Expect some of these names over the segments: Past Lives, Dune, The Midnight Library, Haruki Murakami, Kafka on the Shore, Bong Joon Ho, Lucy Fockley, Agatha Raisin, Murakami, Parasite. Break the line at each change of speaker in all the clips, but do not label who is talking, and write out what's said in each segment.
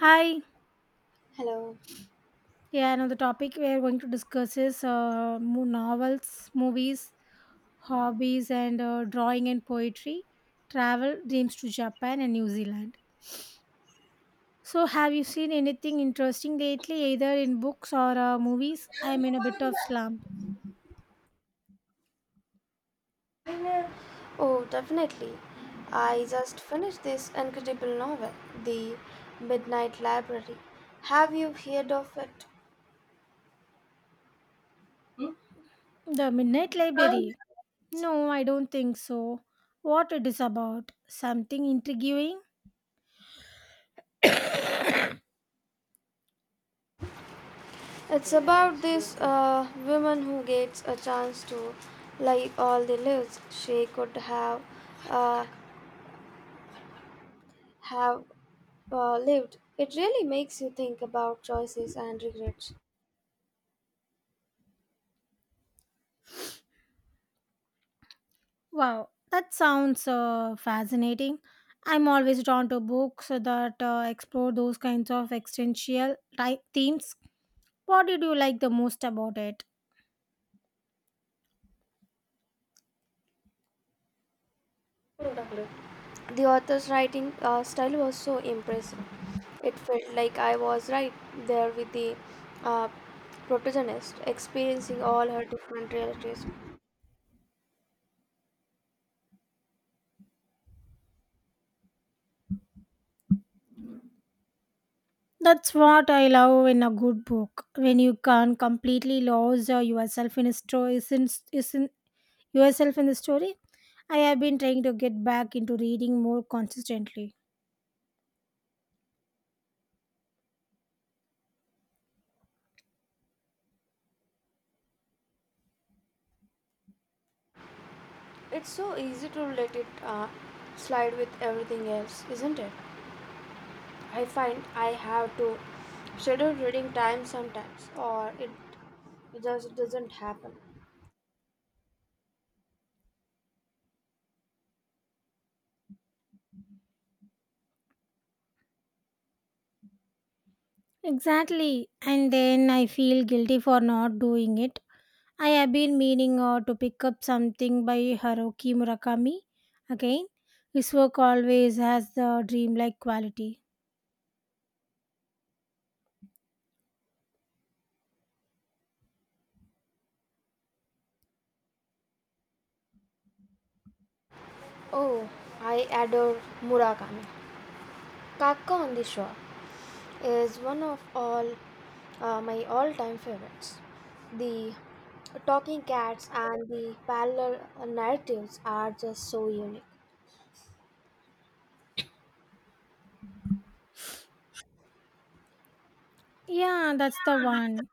Hi.
Hello.
Yeah, I the topic we are going to discuss is novels, movies, hobbies, and drawing and poetry, travel, dreams to Japan and New Zealand. So, have you seen anything interesting lately, either in books or movies? I'm in a bit of slump.
Oh, definitely. I just finished this incredible novel, The Midnight Library. Have you heard of it?
The Midnight Library? No, I don't think so. What it is about? Something intriguing?
It's about this woman who gets a chance to, like all the lives she could have, uh, have lived. It really makes you think about choices and regrets.
Wow, that sounds fascinating. I'm always drawn to books that explore those kinds of existential type themes. What did you like the most about it?
The author's writing style was so impressive. It felt like I was right there with the uh, protagonist, experiencing all her different realities.
That's what I love in a good book. When you can completely lose yourself in a story, isn't yourself in the story? I have been trying to get back into reading more consistently.
It's so easy to let it slide with everything else, isn't it? I find I have to schedule reading time sometimes, or it just doesn't happen.
Exactly, and then I feel guilty for not doing it. I have been meaning to pick up something by Haruki Murakami again. His work always has the dreamlike quality.
Oh, I adore Murakami. Kaka on the Shore is one of all my all-time favorites. The talking cats and the parallel narratives are just so unique.
Yeah, that's the one.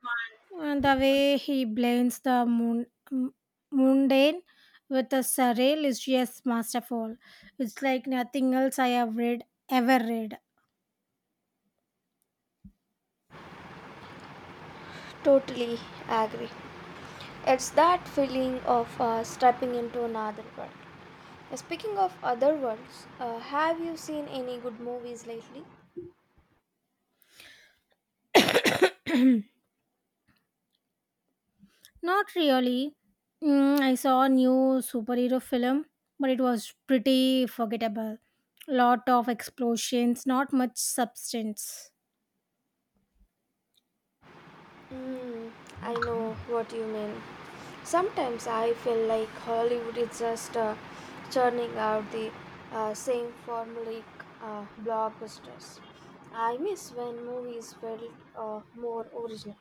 And the way he blends the m- mundane with the surreal is just masterful. It's like nothing else I have read ever read.
Totally agree. It's that feeling of stepping into another world. Speaking of other worlds, have you seen any good movies lately?
Not really. Mm, I saw a new superhero film, but it was pretty forgettable. Lot of explosions, not much substance.
Mm, I know what you mean. Sometimes I feel like Hollywood is just churning out the same formulaic blockbusters. I miss when movies felt more original.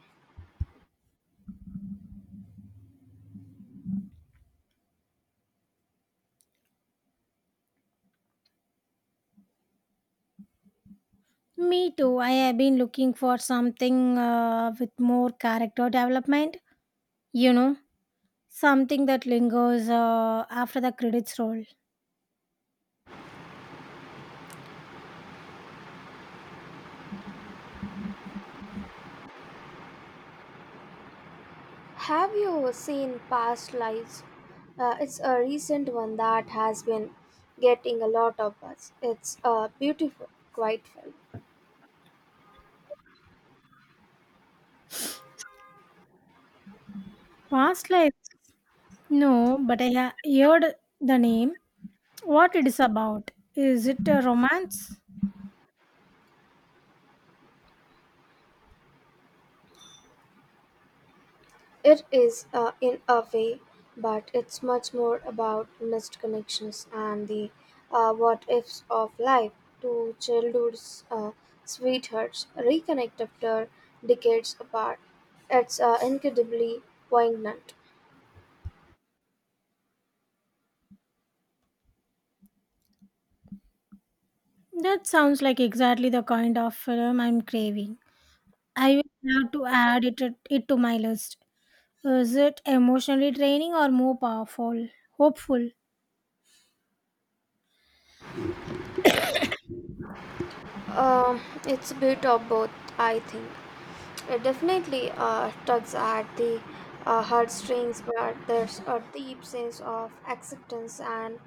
Me too. I have been looking for something with more character development. You know, something that lingers after the credits roll.
Have you seen Past Lives? It's a recent one that has been getting a lot of buzz. It's a beautiful, quiet film.
Past life? No, but I heard the name. What it is about? Is it a romance?
It is, in a way, but it's much more about missed connections and the what ifs of life. Two childhood's sweethearts reconnect after decades apart. It's incredibly poignant.
That sounds like exactly the kind of film I'm craving. I will have to add it to my list. Is it emotionally draining or more powerful? Hopeful.
Um, it's a bit of both, I think. It definitely tugs at the heartstrings, but there's a deep sense of acceptance and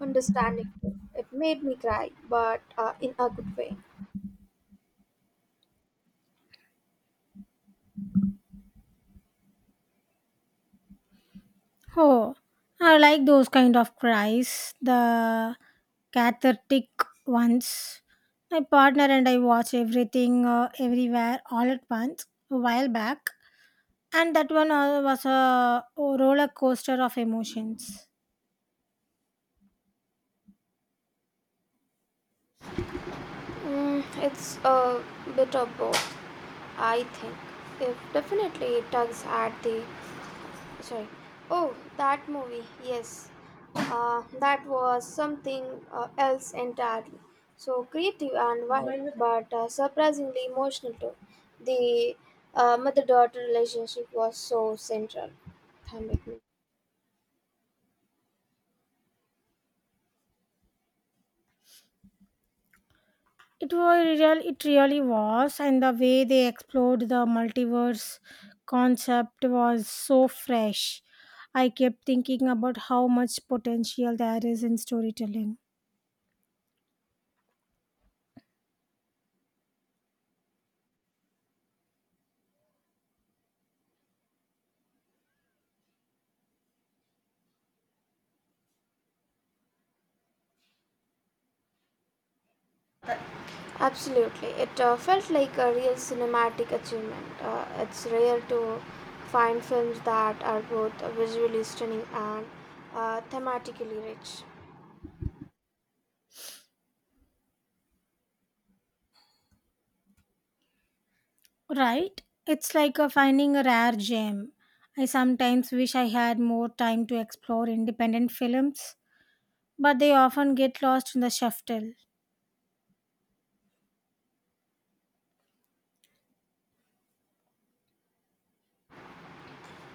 understanding too. It made me cry, but in a good way.
Oh, I like those kind of cries, the cathartic ones. My partner and I watch everything, everywhere, all at once a while back, and that one was a roller coaster of emotions.
Mm, it's a bit of both, I think. It definitely tugs at the, sorry, oh, that movie, yes, that was something else entirely. So creative and wild, but surprisingly emotional too. The mother-daughter relationship was so central. Thank you.
It was real it really was, and the way they explored the multiverse concept was so fresh. I kept thinking about how much potential there is in storytelling.
Absolutely, it felt like a real cinematic achievement. It's rare to find films that are both visually stunning and thematically rich.
Right, it's like a finding a rare gem. I sometimes wish I had more time to explore independent films, but they often get lost in the shuffle.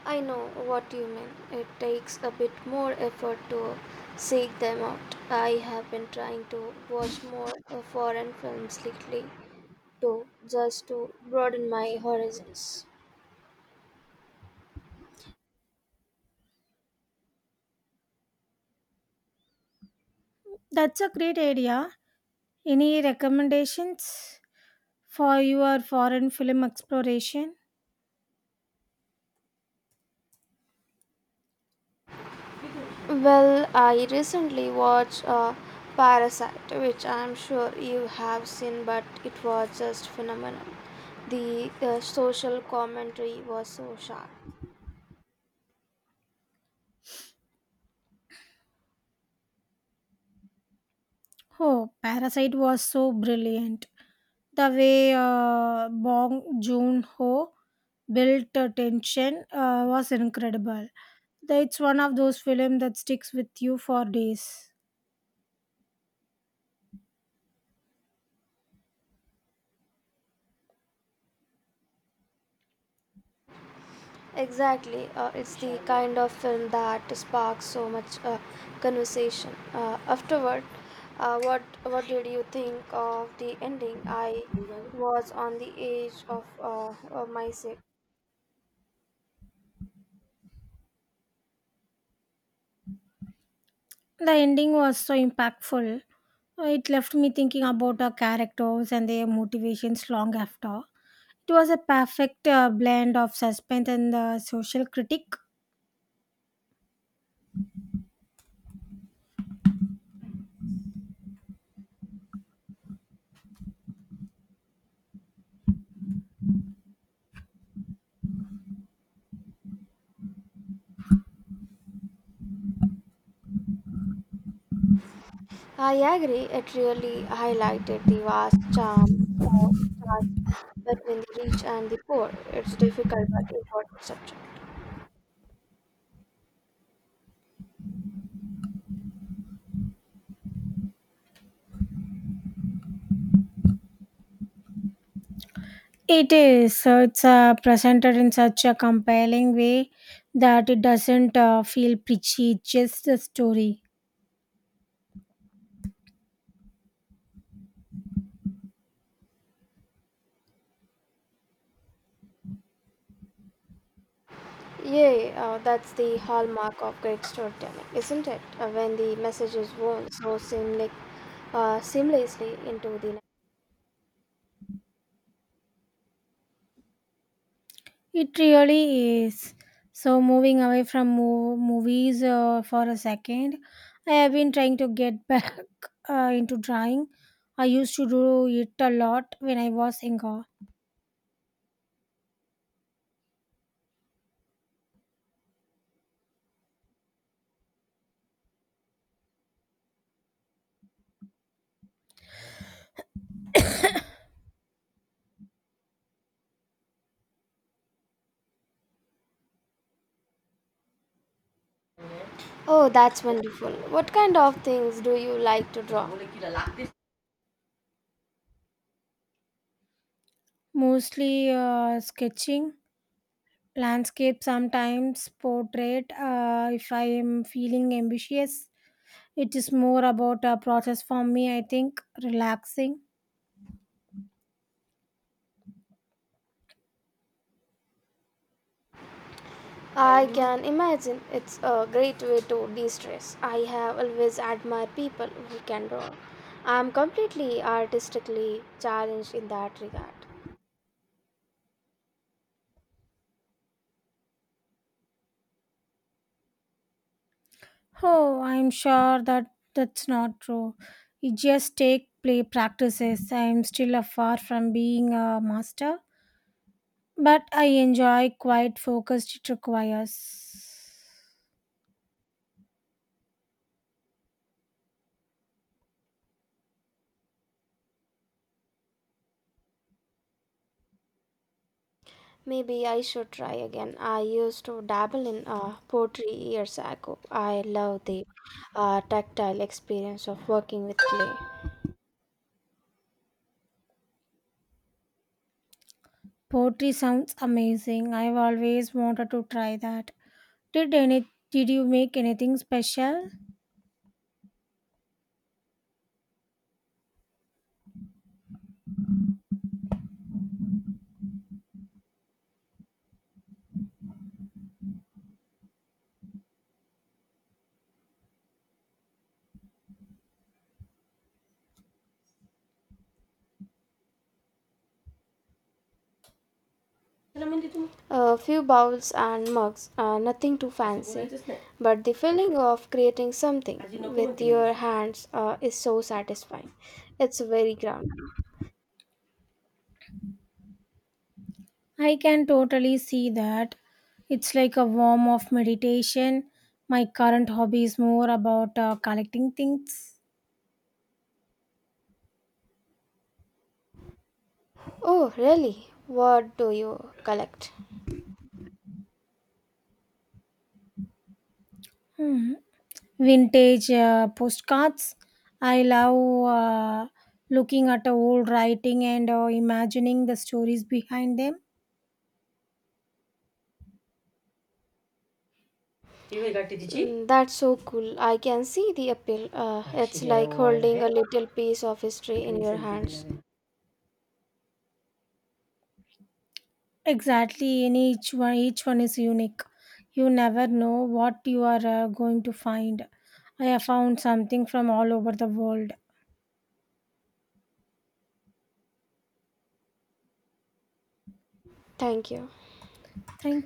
I know what you mean. It takes a bit more effort to seek them out. I have been trying to watch more foreign films lately, too, just to broaden my horizons.
That's a great idea. Any recommendations for your foreign film exploration?
Well, I recently watched Parasite, which I'm sure you have seen, but it was just phenomenal. The social commentary was so sharp.
Oh, Parasite was so brilliant. The way Bong Joon Ho built tension was incredible. It's one of those films that sticks with you for days.
Exactly. It's the kind of film that sparks so much conversation. Afterward, what did you think of the ending? I was on the edge of my seat.
The ending was so impactful. It left me thinking about our characters and their motivations long after. It was a perfect blend of suspense and social critique.
I agree. It really highlighted the vast uh, charms between the rich and the poor. It's difficult but important subject.
It is. So it's presented in such a compelling way that it doesn't feel preachy, it's just a story.
Yeah, yeah, that's the hallmark of great storytelling, isn't it? When the message is woven so seamlessly into the.
It really is. So moving away from movies for a second, I have been trying to get back into drawing. I used to do it a lot when I was younger.
Oh, that's wonderful. What kind of things do you like to draw?
Mostly sketching, landscape sometimes, portrait if I am feeling ambitious. It is more about a process for me, I think, relaxing.
I can imagine it's a great way to de stress. I have always admired people who can draw. I'm completely artistically challenged in that regard.
Oh, I'm sure that that's not true. It just take play practices. I'm still a far from being a master, but I enjoy quite focused it requires.
Maybe I should try again. I used to dabble in pottery years ago. I love the tactile experience of working with clay.
Poetry sounds amazing. I've always wanted to try that. Did you make anything special?
A few bowls and mugs, nothing too fancy, but the feeling of creating something with your hands is so satisfying. It's very grounding.
I can totally see that. It's like a form of meditation. My current hobby is more about collecting things.
Oh, really? What do you collect?
Hmm. Vintage postcards. I love looking at the old writing and imagining the stories behind them.
Mm, that's so cool. I can see the appeal. It's like holding a little piece of history in your hands.
Exactly, and each one is unique. You never know what you are going to find. I have found something from all over the world.
Thank you.
Thank